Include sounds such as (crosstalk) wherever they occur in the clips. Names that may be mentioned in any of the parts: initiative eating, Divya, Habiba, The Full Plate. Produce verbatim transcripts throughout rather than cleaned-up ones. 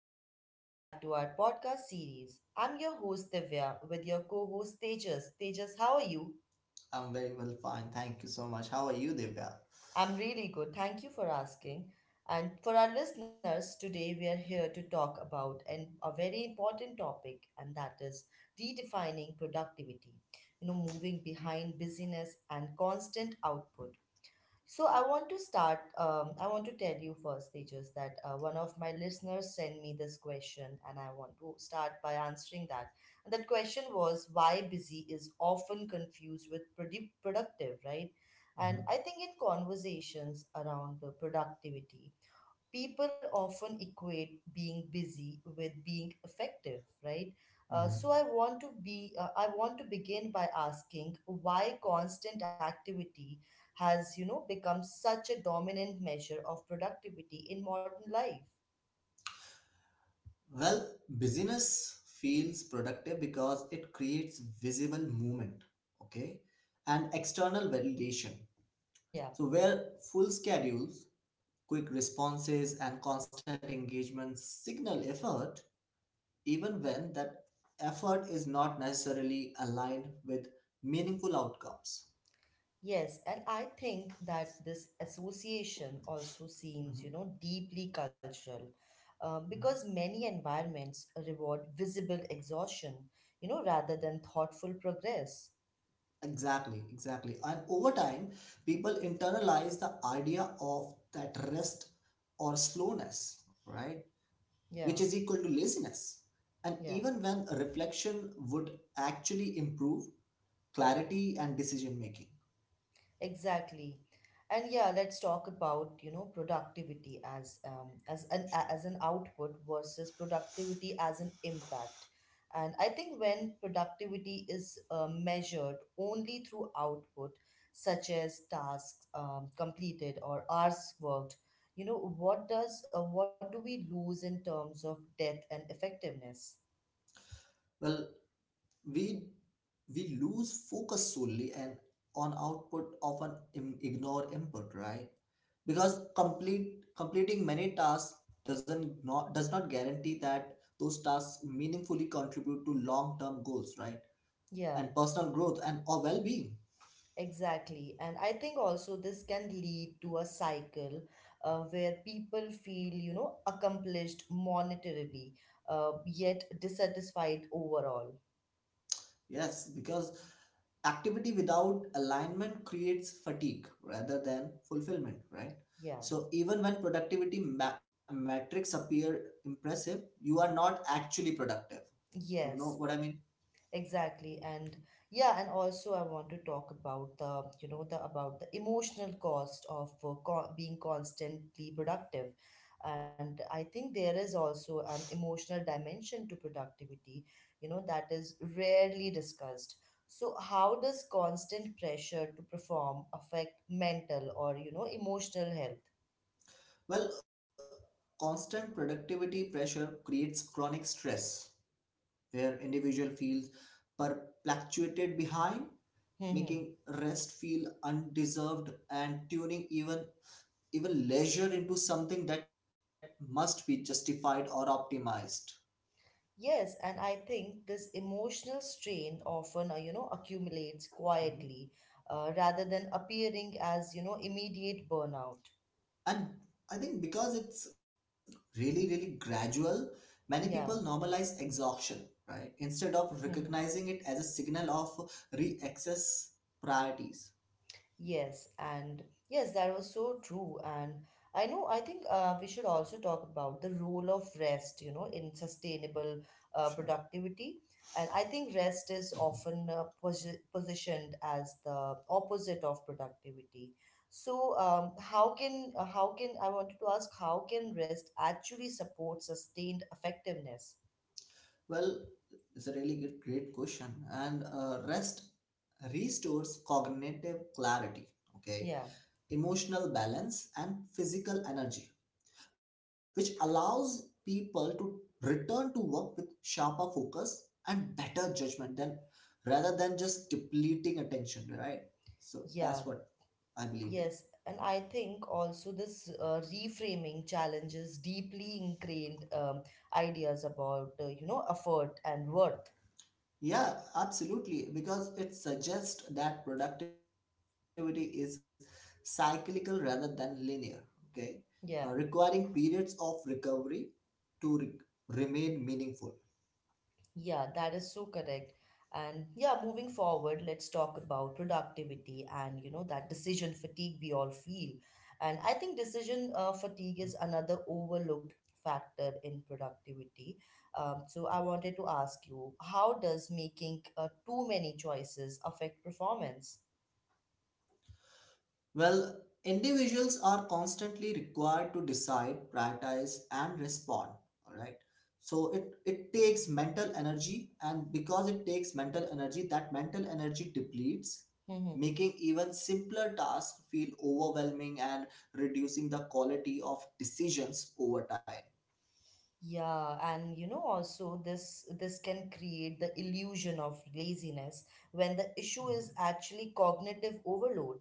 and welcome back to our podcast series. I'm your host Divya with your co host Tejas. Tejas, how are you? I'm very well, fine. Thank you so much. How are you, Divya? I'm really good. Thank you for asking. And for our listeners, today we are here to talk about an, a very important topic, and that is redefining productivity. You know, moving behind busyness and constant output. So I want to start. Um, I want to tell you first, Tejas, that uh, one of my listeners sent me this question, and I want to start by answering that. And that question was why busy is often confused with produ- productive, right? And Mhm, I think in conversations around the productivity, people often equate being busy with being effective, right? Uh, mhm. so I want to be uh, I want to begin by asking why constant activity has, you know, become such a dominant measure of productivity in modern life. Well, busyness feels productive because it creates visible movement, okay, and external validation. Yeah. So, where full schedules, quick responses, and constant engagement signal effort, even when that effort is not necessarily aligned with meaningful outcomes. Yes, and I think that this association also seems, Mhm, you know, deeply cultural, uh, mhm. because many environments reward visible exhaustion, you know, rather than thoughtful progress. Exactly, exactly. And over time, people internalize the idea of that rest or slowness, right? Yeah. Which is equal to laziness. And Yeah, even when a reflection would actually improve clarity and decision making. exactly. And yeah, let's talk about, you know, productivity as um as an Sure. a- as an output versus productivity as an impact. And I think when productivity is uh, measured only through output, such as tasks um, completed or hours worked, you know, what does uh, what do we lose in terms of depth and effectiveness? Well, we we lose focus solely and on output often im- ignore input, right? Because complete completing many tasks doesn't not does not guarantee that those tasks meaningfully contribute to long-term goals, right, Yeah. and personal growth and or well-being. Exactly. And I think also this can lead to a cycle uh, where people feel, you know, accomplished monetarily, uh, yet dissatisfied overall. Yes, because activity without alignment creates fatigue rather than fulfillment, right? Yeah. So even when productivity ma- metrics appear impressive, you are not actually productive, you know Yes. what I mean. Exactly. And yeah, and also I want to talk about the, you know, the about the emotional cost of uh, co- being constantly productive. And I think there is also an emotional dimension to productivity, you know, that is rarely discussed. So how does constant pressure to perform affect mental or, you know, emotional health? Well, constant productivity pressure creates chronic stress where individual feels perpetuated behind, Mm-hmm. making rest feel undeserved and tuning even even leisure into something that must be justified or optimized. Yes, and I think this emotional strain often, uh, you know, accumulates quietly, Mhm. uh, rather than appearing as, you know, immediate burnout. And I think because it's really, really gradual, many Yeah. people normalize exhaustion, right? Instead of Hmm. recognizing it as a signal of re-access priorities. Yes, and yes, that was so true. And I know, I think uh, we should also talk about the role of rest, you know, in sustainable uh, Sure. productivity. And I think rest is often uh, posi- positioned as the opposite of productivity. So, um, how can uh, how can I wanted to ask how can rest actually support sustained effectiveness? Well, it's a really good, great question. And uh, rest restores cognitive clarity, okay, Yeah, emotional balance, and physical energy, which allows people to return to work with sharper focus and better judgment than rather than just depleting attention, right? So yeah, that's what I believe Yes, in. and I think also this uh, reframing challenges deeply ingrained um, ideas about uh, you know effort and worth. Yeah, absolutely, because it suggests that productivity is cyclical rather than linear, okay? Yeah, Uh, requiring periods of recovery to re- remain meaningful. yeah, that is so correct. And yeah, moving forward, let's talk about productivity and you know that decision fatigue we all feel. And I think decision uh, fatigue is another overlooked factor in productivity. Um, so I wanted to ask you, how does making uh, too many choices affect performance? Well, individuals are constantly required to decide, prioritize, and respond. All right. So it, it takes mental energy, and because it takes mental energy, that mental energy depletes, (laughs) making even simpler tasks feel overwhelming and reducing the quality of decisions over time. Yeah, and you know also this this can create the illusion of laziness when the issue is actually cognitive overload.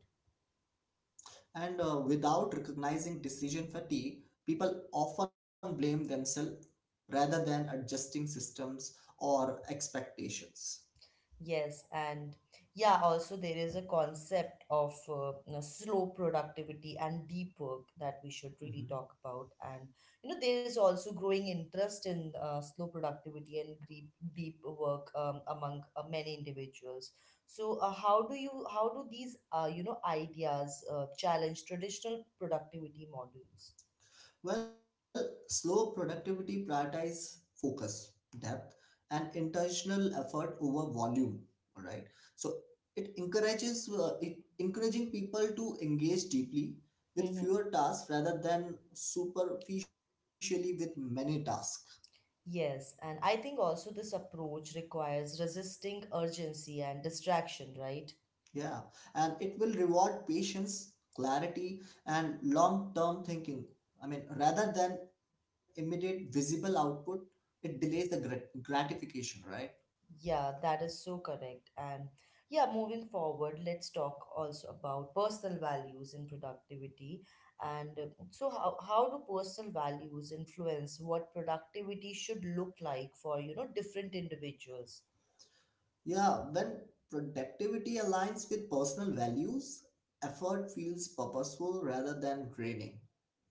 And uh, without recognizing decision fatigue, people often blame themselves rather than adjusting systems or expectations. Yes, and yeah, also there is a concept of uh, you know, slow productivity and deep work that we should really talk Mhm. about. And you know, there is also growing interest in uh, slow productivity and deep deep work um, among uh, many individuals. So, uh, how do you how do these uh, you know ideas uh, challenge traditional productivity models? Well, slow productivity prioritize focus, depth, and intentional effort over volume. All right. So it encourages uh, it encouraging people to engage deeply with Hmm. fewer tasks rather than superficially with many tasks. Yes, and I think also this approach requires resisting urgency and distraction, right? Yeah, and it will reward patience, clarity, and long-term thinking. I mean, rather than immediate visible output, it delays the grat- gratification, right? Yeah, that is so correct. And yeah, moving forward, let's talk also about personal values and productivity. And uh, so, how, how do personal values influence what productivity should look like for, you know, different individuals? Yeah, when productivity aligns with personal values, effort feels purposeful rather than draining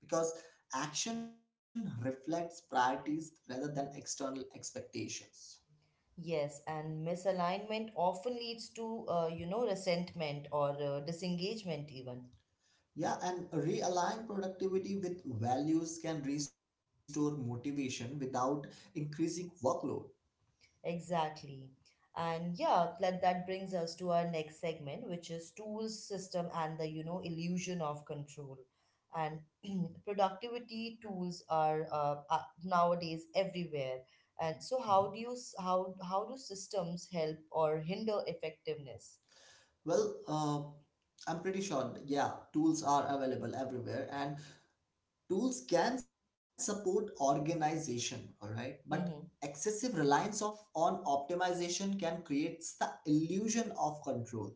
because action reflects priorities rather than external expectations. Yes, and misalignment often leads to, uh, you know, resentment or uh, disengagement, even. Yeah, and realign productivity with values can restore motivation without increasing workload. Exactly. And yeah, that that brings us to our next segment, which is tools, system, and the, you know, illusion of control. And (clears throat) productivity tools are, uh, are nowadays everywhere. And Mhm. so how do you s- how how do systems help or hinder effectiveness? Well, uh, I'm pretty sure, yeah, tools are available everywhere, and tools can support organization, all right? But Mm-hmm. excessive reliance of on optimization can create the illusion of control,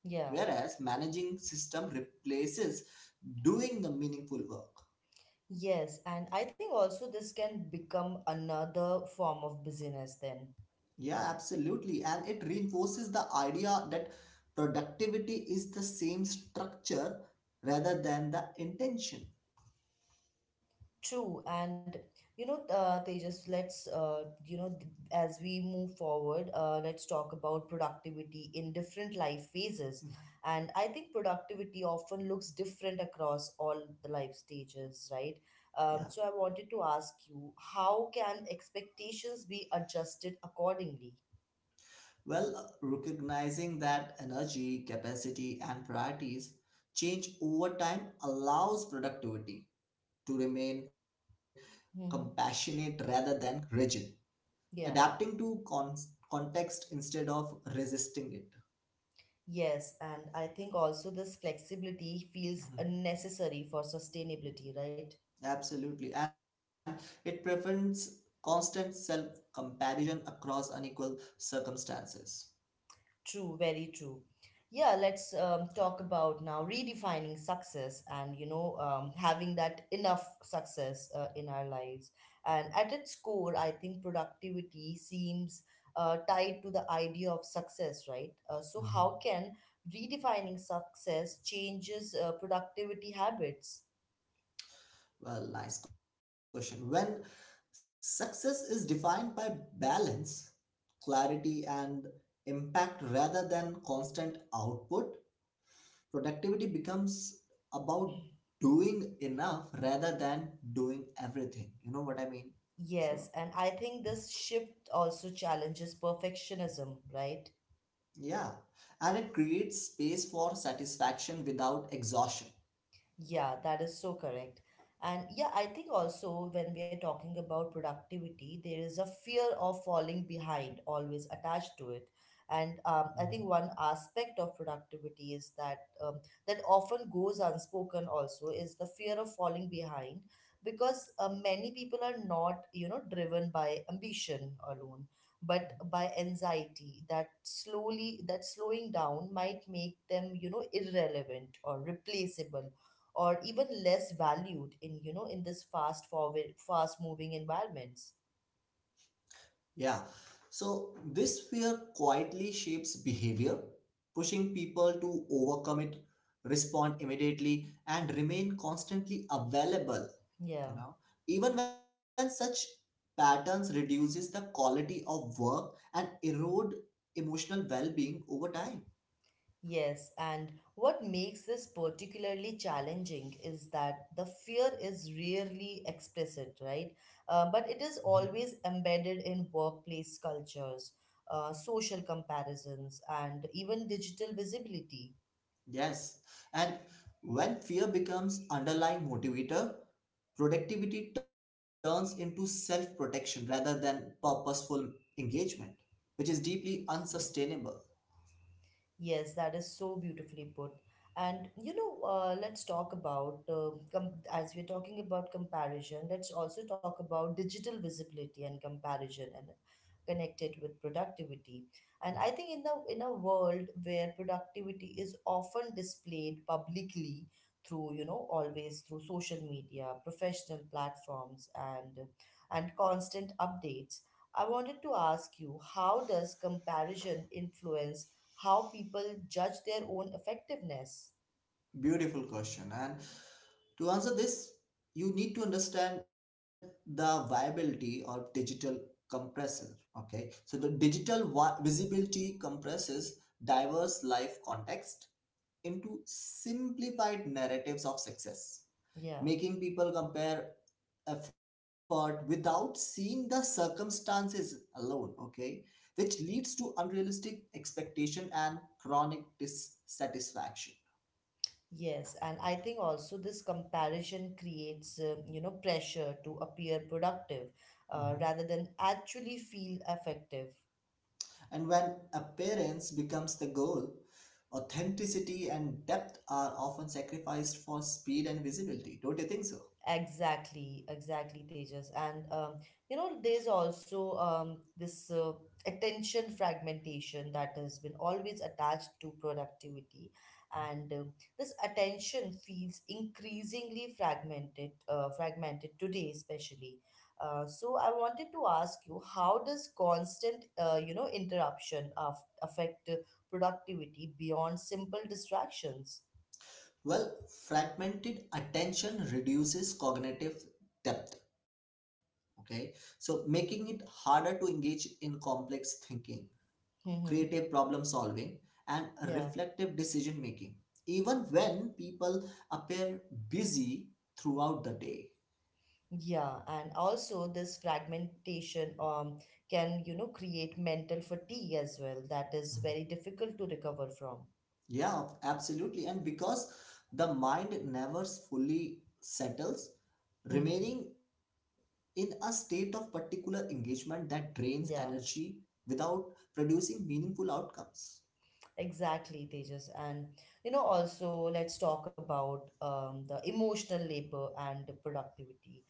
Yeah. whereas managing system replaces doing the meaningful work. Yes, and I think also this can become another form of business then. Yeah, absolutely, and it reinforces the idea that productivity is the same structure rather than the intention. True, and you know, uh, Tejas, let's uh, you know, th- as we move forward, uh, let's talk about productivity in different life phases. Mhm. And I think productivity often looks different across all the life stages, right? Um, Yeah. So I wanted to ask you, how can expectations be adjusted accordingly? Well, recognizing that energy, capacity, and priorities change over time allows productivity to remain Mm-hmm. compassionate rather than rigid, Yeah. adapting to con- context instead of resisting it. Yes, and I think also this flexibility feels Mhm. unnecessary for sustainability, right? Absolutely. And it prevents constant self comparison across unequal circumstances. True, very true. Yeah, let's um, talk about now redefining success and, you know, um, having that enough success uh, in our lives. And at its core, I think productivity seems uh, tied to the idea of success, right? Uh, so, how can redefining success changes uh, productivity habits? Well, nice question. When success is defined by balance, clarity, and impact rather than constant output, productivity becomes about doing enough rather than doing everything. You know what I mean? Yes, So, and I think this shift also challenges perfectionism, right? yeah. And it creates space for satisfaction without exhaustion. Yeah, that is so correct. And yeah, I think also when we are talking about productivity, there is a fear of falling behind always attached to it. And um, I Mhm. think one aspect of productivity is that um, that often goes unspoken also is the fear of falling behind because uh, many people are not, you know, driven by ambition alone, but by anxiety that slowly that slowing down might make them, you know, irrelevant or replaceable or even less valued in you know in this fast forward fast moving environments. Yeah. So this fear quietly shapes behavior, pushing people to overcome it, respond immediately, and remain constantly available, Yeah, you know. Even when such patterns reduces the quality of work and erode emotional well-being over time. yes, and what makes this particularly challenging is that the fear is rarely explicit, right? Uh, but it is Mhm. always embedded in workplace cultures, uh, social comparisons and even digital visibility. Yes. And when fear becomes underlying motivator, productivity turns into self-protection rather than purposeful engagement, which is deeply unsustainable. Yes, that is so beautifully put. And you know, uh, let's talk about uh, com as we're talking about comparison, let's also talk about digital visibility and comparison and connected with productivity. And I think in the in a world where productivity is often displayed publicly through, you know, always through social media, professional platforms, and and constant updates, I wanted to ask you, how does comparison influence how people judge their own effectiveness. Beautiful question. And to answer this, you need to understand the viability of digital compressor. Okay, so the digital vi- visibility compresses diverse life context into simplified narratives of success, Yeah, making people compare effort without seeing the circumstances alone, okay, which leads to unrealistic expectation and chronic dissatisfaction. yes. And I think also this comparison creates, uh, you know, pressure to appear productive Mhm. uh, rather than actually feel effective. And when appearance becomes the goal, authenticity and depth are often sacrificed for speed and visibility, don't you think so. Exactly, exactly, Tejas. And um, you know, there's also um, this uh, attention fragmentation that has been always attached to productivity, and um this attention feels increasingly fragmented, uh, fragmented today, especially. Uh, so I wanted to ask you, how does constant, uh, you know, interruption of affect uh, productivity beyond simple distractions? (laughs) Well, fragmented attention reduces cognitive depth, okay, so making it harder to engage in complex thinking, Mm-hmm. creative problem solving, and Yeah. reflective decision making, even when people appear busy throughout the day. Yeah, and also this fragmentation um can, you know, create mental fatigue as well that is Mhm. very difficult to recover from. Yeah, absolutely. And because the mind never fully settles, (laughs) remaining in a state of particular engagement that drains Yeah. energy without producing meaningful outcomes. Exactly, Tejas. And you know, also let's talk about um, the emotional labor and the productivity.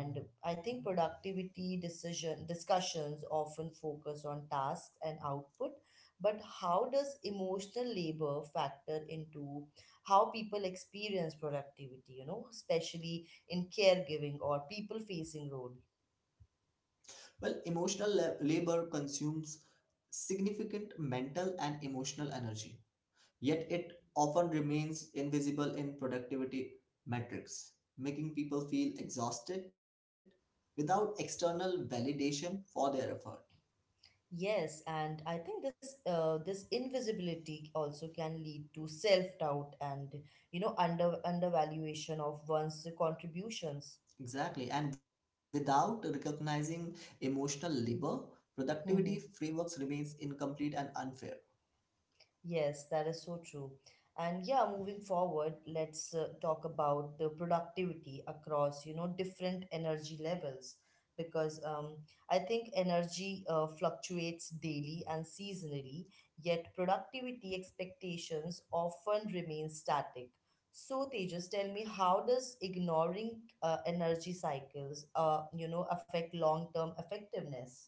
Mhm. I think productivity decision discussions often focus on tasks and output, but how does emotional labor factor into how people experience productivity, you know, especially in caregiving or people facing role? Well, emotional la- labor consumes significant mental and emotional energy. Yet it often remains invisible in productivity metrics, making people feel exhausted without external validation for their effort. Yes, and I think this uh, this invisibility also can lead to self-doubt and you know under undervaluation of one's contributions. Exactly. And without recognizing emotional labor, (laughs) productivity frameworks remains incomplete and unfair. Yes, that is so true. And yeah, moving forward, let's uh, talk about uh, productivity across, you know, different energy levels because um, I think energy uh, fluctuates daily and seasonally, yet productivity expectations often remain static. So Tejas, tell me, how does ignoring uh, energy cycles, uh, you know, affect long-term effectiveness?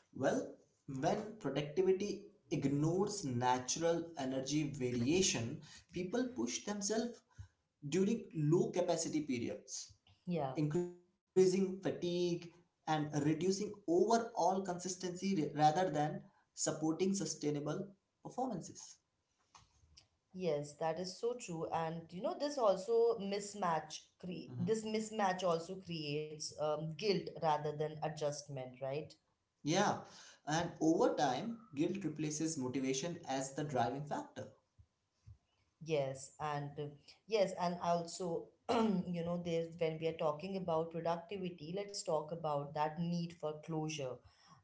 Well, when productivity ignores natural energy variation, people push themselves during low capacity periods, Yeah. increasing fatigue and reducing overall consistency ra- rather than supporting sustainable performances. Yes, that is so true. And you know, this also mismatch cre this Mhm. mismatch also creates um, guilt rather than adjustment, right? Yeah, and over time, guilt replaces motivation as the driving factor. Yes, and uh, yes, and also, (clears throat) you know, there's when we are talking about productivity, let's talk about that need for closure.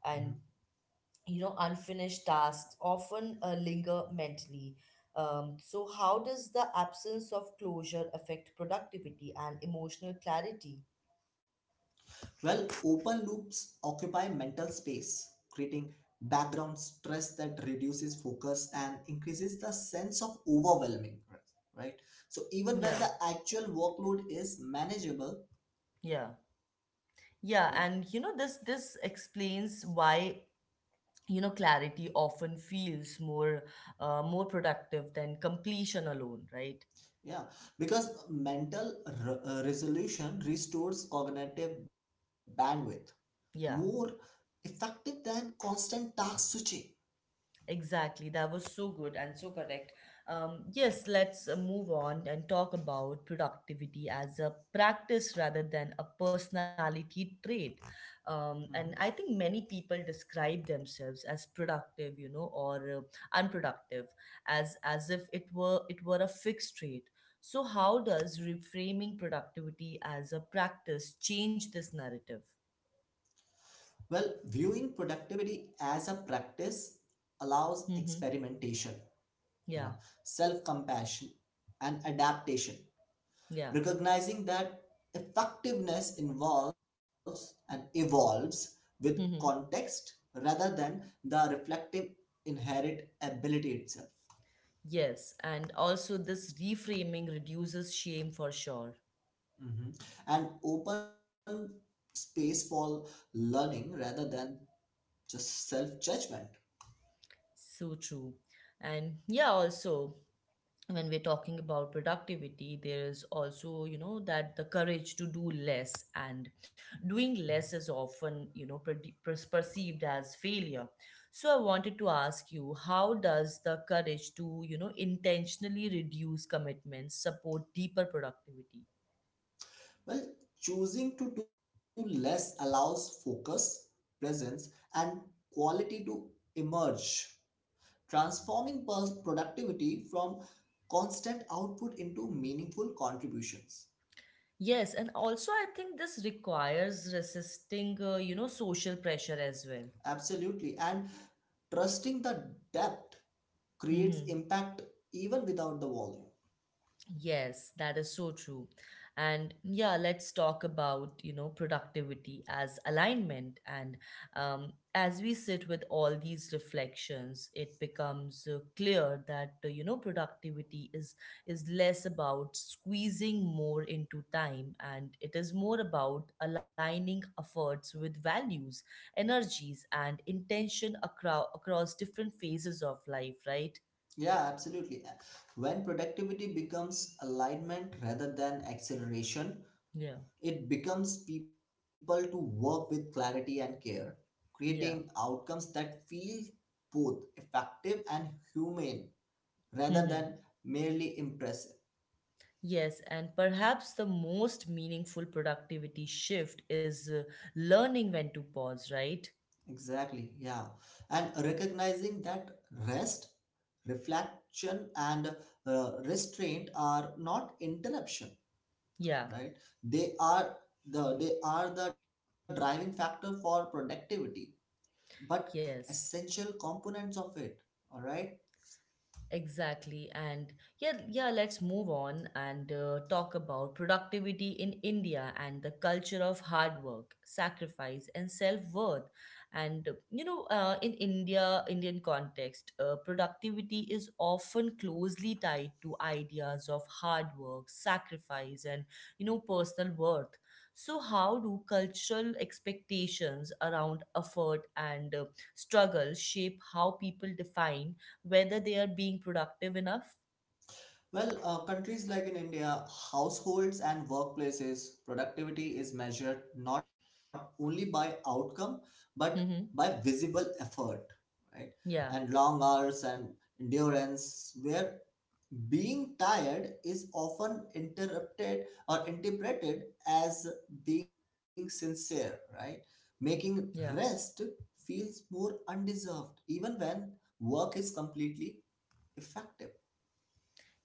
And Mhm. you know, unfinished tasks often uh, linger mentally. Um, so how does the absence of closure affect productivity and emotional clarity? Well, open loops occupy mental space, creating background stress that reduces focus and increases the sense of overwhelming, right? So even when Yeah, the actual workload is manageable, yeah. right? Yeah, and you know this this explains why you know clarity often feels more uh, more productive than completion alone, right? Yeah, because mental re- uh, resolution restores cognitive bandwidth more Yeah. effective than constant task switching. Exactly, that was so good and so correct. Um, yes, let's uh, move on and talk about productivity as a practice rather than a personality trait. Um, Mhm. and I think many people describe themselves as productive, you know, or uh, unproductive, as as if it were it were a fixed trait. So, how does reframing productivity as a practice change this narrative? Well, viewing productivity as a practice allows Mm-hmm. experimentation, you know, Yeah, self compassion and adaptation, yeah. recognizing that effectiveness involves and evolves with Mm-hmm. context rather than the reflective inherent ability itself. Yes, and also this reframing reduces shame for sure. Hmm. And open space for learning rather than just self judgment. So true. And yeah, also when we're talking about productivity, there is also, you know, that the courage to do less and doing less is often, you know, prede- pers- perceived as failure. So I wanted to ask you, how does the courage to, you know, intentionally reduce commitments support deeper productivity? Well, choosing to do less allows focus, presence, and quality to emerge, transforming pers- productivity from constant output into meaningful contributions. Yes, and also I think this requires resisting, uh, you know, social pressure as well. Absolutely. And trusting the depth creates Mm-hmm. impact even without the volume. Yes, that is so true. And yeah, let's talk about, you know, productivity as alignment. And um, As we sit with all these reflections, it becomes uh, clear that, uh, you know, productivity is is less about squeezing more into time, and it is more about aligning efforts with values, energies, and intention across across different phases of life, right? Yeah, absolutely. When productivity becomes alignment rather than acceleration, Yeah. it becomes people to work with clarity and care, creating Yeah. outcomes that feel both effective and humane rather than (laughs) merely impressive. Yes, and perhaps the most meaningful productivity shift is uh, learning when to pause, right? Exactly, yeah. And recognizing that rest, reflection, and uh, restraint are not interruption, Yeah, right, they are the they are the driving factor for productivity, but yes. essential components of it, all right. Exactly. And yeah, yeah, let's move on and uh, talk about productivity in India and the culture of hard work, sacrifice, and self-worth. And uh, you know, uh, in India, Indian context, uh, productivity is often closely tied to ideas of hard work, sacrifice, and you know, personal worth. So, how do cultural expectations around effort and uh, struggle shape how people define whether they are being productive enough? Well, uh, countries like in India, households and workplaces, productivity is measured not only by outcome but by Mm-hmm. visible effort, right, and Yeah, long hours and endurance, where being tired is often interrupted or interpreted as being sincere, right? Making yeah, rest feels more undeserved, even when work is completely effective.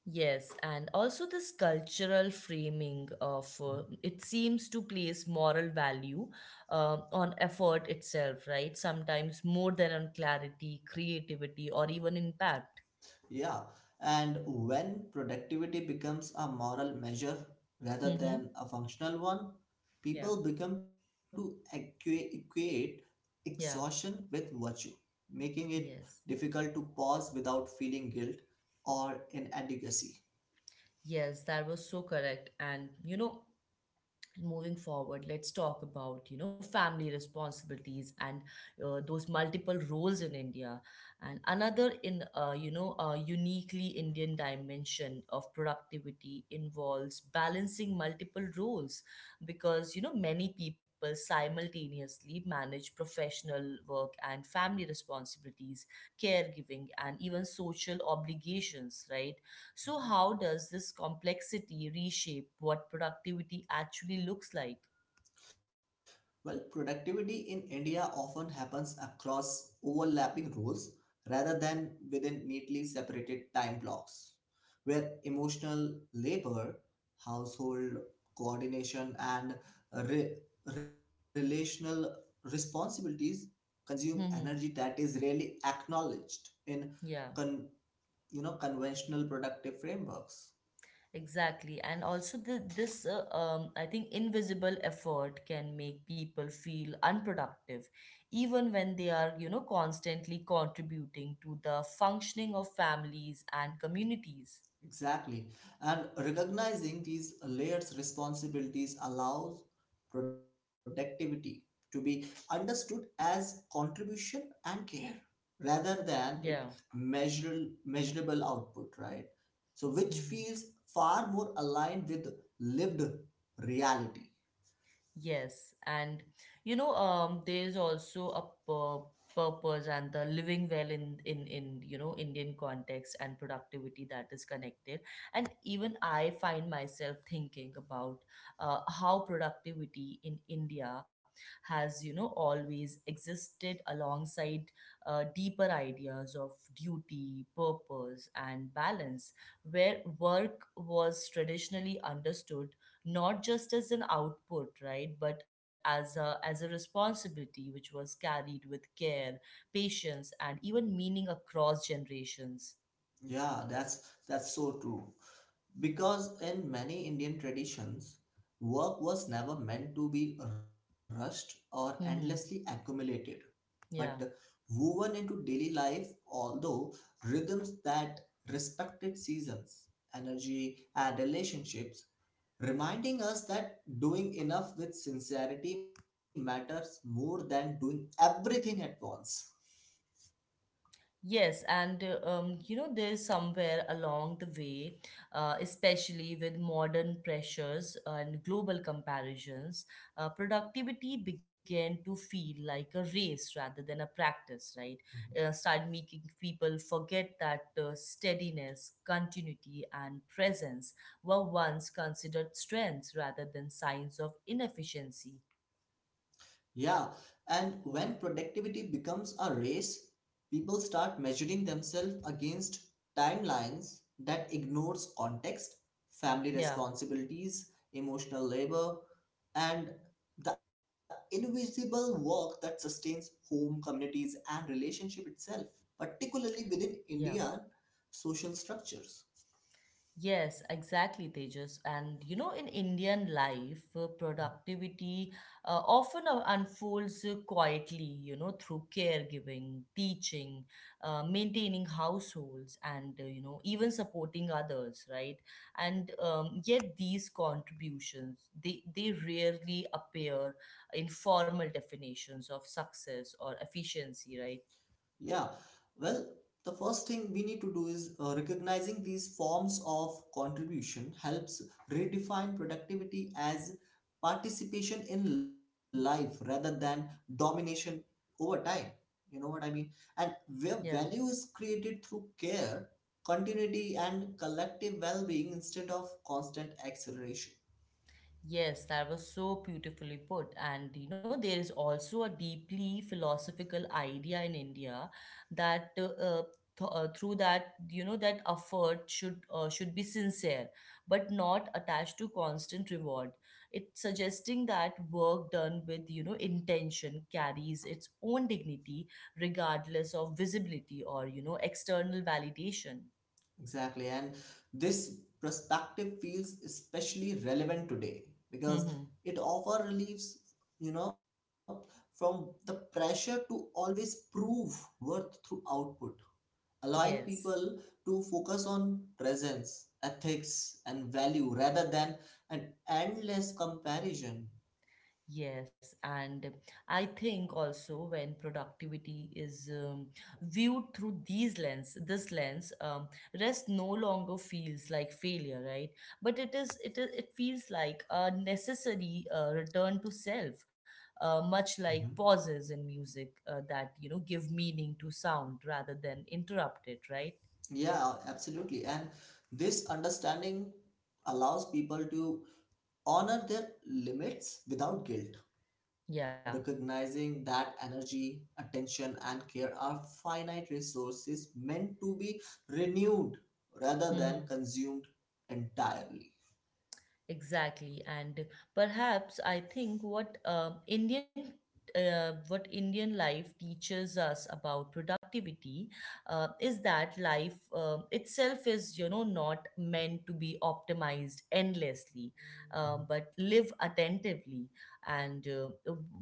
yes. And also, this cultural framing of uh, Mm. it seems to place moral value um on effort itself, right? Sometimes more than on clarity, creativity, or even impact. Yeah, and when productivity becomes a moral measure rather Mm-hmm. than a functional one, Yeah, people become to equa- equate yeah, exhaustion with virtue, making it yes. difficult to pause without feeling guilt or inadequacy. Yes, that was so correct. And you know, moving forward, let's talk about you know family responsibilities and uh, those multiple roles in india. And another in uh, you know a uniquely indian dimension of productivity involves balancing multiple roles, because you know many people simultaneously manage professional work and family responsibilities, caregiving, and even social obligations, right? So, how does this complexity reshape what productivity actually looks like? Well, productivity in India often happens across overlapping roles rather than within neatly separated time blocks, where emotional labor, household coordination, and re- relational responsibilities consume Hmm. energy that is rarely acknowledged in, Yeah, you know, conventional productive frameworks. exactly. And also, the, this, uh, um, I think, invisible effort can make people feel unproductive, even when they are, you know, constantly contributing to the functioning of families and communities. Exactly. And recognizing these layers responsibilities allows productivity to be understood as contribution and care rather than it Yeah. measure, measurable output, right? So which Hmm. feels far more aligned with lived reality. Yes, and you know, um, there's also a pur purpose and the living well in in in you know Indian context, and productivity that is connected. And even I find myself thinking about uh, how productivity in India has you know always existed alongside uh, deeper ideas of duty, purpose, and balance, where work was traditionally understood not just as an output, right, but as a as a responsibility which was carried with care, patience, and even meaning across generations. yeah that's that's so true. Because in many Indian traditions, work was never meant to be rushed or endlessly Hmm. accumulated, but Yeah. woven into daily life, although rhythms that respected seasons, energy, and relationships, reminding us that doing enough with sincerity matters more than doing everything at once. Yes, and uh, um, you know, there's somewhere along the way, uh, especially with modern pressures and global comparisons, uh, productivity began to feel like a race rather than a practice, right? Uh, started making people forget that uh, steadiness, continuity, and presence were once considered strengths rather than signs of inefficiency. Yeah, and when productivity becomes a race, people start measuring themselves against timelines that ignores context, family Yeah, responsibilities, emotional labor, and the invisible work that sustains home, communities, and relationship itself, particularly within yeah. Indian social structures. Yes, exactly, Tejas. And you know, in Indian life, uh, productivity uh, often uh, unfolds uh, quietly, you know, through caregiving, teaching, uh, maintaining households, and uh, you know, even supporting others, right? And um, yet, these contributions they they rarely appear in formal definitions of success or efficiency, right? Yeah, well, the first thing we need to do is uh, recognizing these forms of contribution helps redefine productivity as participation in life rather than domination over time. You know what I mean? And where Yeah. value is created through care, continuity, and collective well being instead of constant acceleration. Yes, that was so beautifully put. And you know, there is also a deeply philosophical idea in India that uh, uh, th- uh, through that you know that effort should uh, should be sincere, but not attached to constant reward. It's suggesting that work done with you know intention carries its own dignity, regardless of visibility or you know external validation. Exactly. And this perspective feels especially relevant today because (laughs) it often relieves, you know, from the pressure to always prove worth through output, allowing yes. people to focus on presence, ethics, and value rather than an endless comparison. Yes, and I think also when productivity is um, viewed through these lens, this lens, um, rest no longer feels like failure, right? But it is, it is, it feels like a necessary uh, return to self, uh, Mhm. much like pauses in music uh, that you know give meaning to sound rather than interrupt it, right? Yeah, absolutely. And this understanding allows people to honor their limits without guilt, Yeah. recognizing that energy, attention, and care are finite resources meant to be renewed rather than (laughs) consumed entirely. Exactly, and perhaps I think what uh, Indian uh, what Indian life teaches us about productivity uh, is that life uh, itself is you know not meant to be optimized endlessly, uh, Mhm. but live attentively, and uh,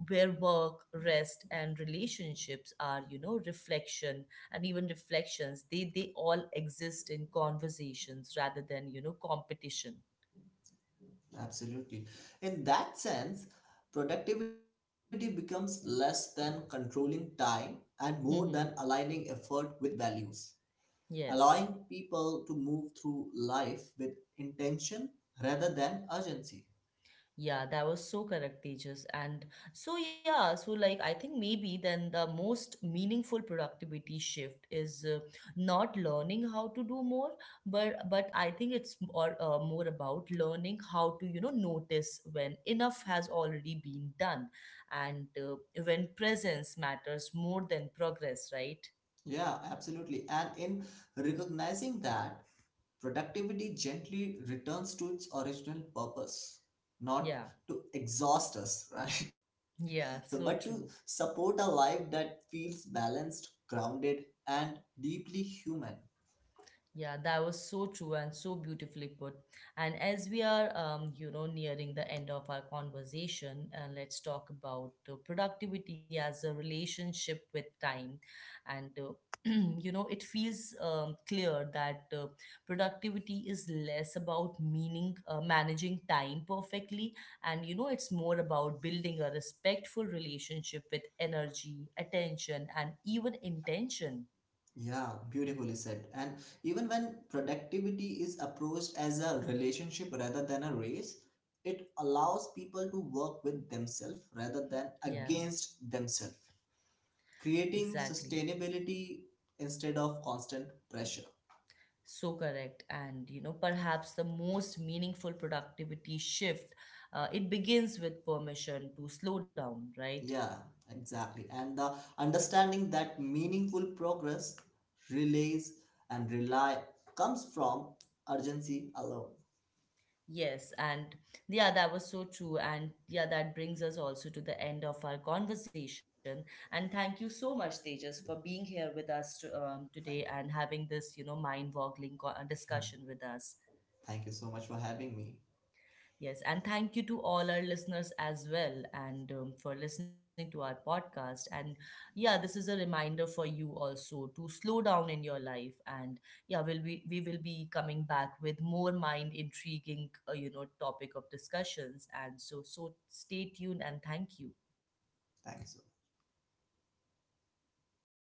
where work, rest, and relationships are you know reflection, and even reflections they they all exist in conversations rather than you know competition. Absolutely. In that sense, productivity becomes less than controlling time and more than (laughs) aligning effort with values, Yes. allowing people to move through life with intention rather than urgency. Yeah, that was so correct, Tejas. And so, yeah, so like I think maybe then the most meaningful productivity shift is uh, not learning how to do more, but but I think it's more uh, more about learning how to you know notice when enough has already been done, and uh, when presence matters more than progress, right? Yeah, absolutely. And in recognizing that, productivity gently returns to its original purpose, not Yeah, to exhaust us, (laughs) right? So, but yeah, to so true. support a life that feels balanced, grounded, and deeply human. Yeah, that was so true and so beautifully put. And as we are, um, you know, nearing the end of our conversation, uh, let's talk about uh, productivity as a relationship with time. And, uh, (clears throat) you know, it feels um, clear that uh, productivity is less about meaning, uh, managing time perfectly. And, you know, it's more about building a respectful relationship with energy, attention, and even intention. Yeah, beautifully said. And even when productivity is approached as a relationship rather than a race, it allows people to work with themselves rather than Yeah, against themselves, creating exactly. sustainability instead of constant pressure. So correct. And, you know, perhaps the most meaningful productivity shift, uh, it begins with permission to slow down, right? Yeah, exactly. And the understanding that meaningful progress relays and rely comes from urgency alone. Yes. And yeah, that was so true. And yeah, that brings us also to the end of our conversation. And thank you so much, Tejas, for being here with us to, um, today Thank and having this, you know, mind-boggling co- uh, you discussion with us. (laughs) Thank you so much for having me. Yes, and thank you to all our listeners as well, and um, for listening to our podcast. And yeah, this is a reminder for you also to slow down in your life. And yeah, we'll be we will be coming back with more mind intriguing, uh, you know, topic of discussions. And so so stay tuned and thank you. Thank you so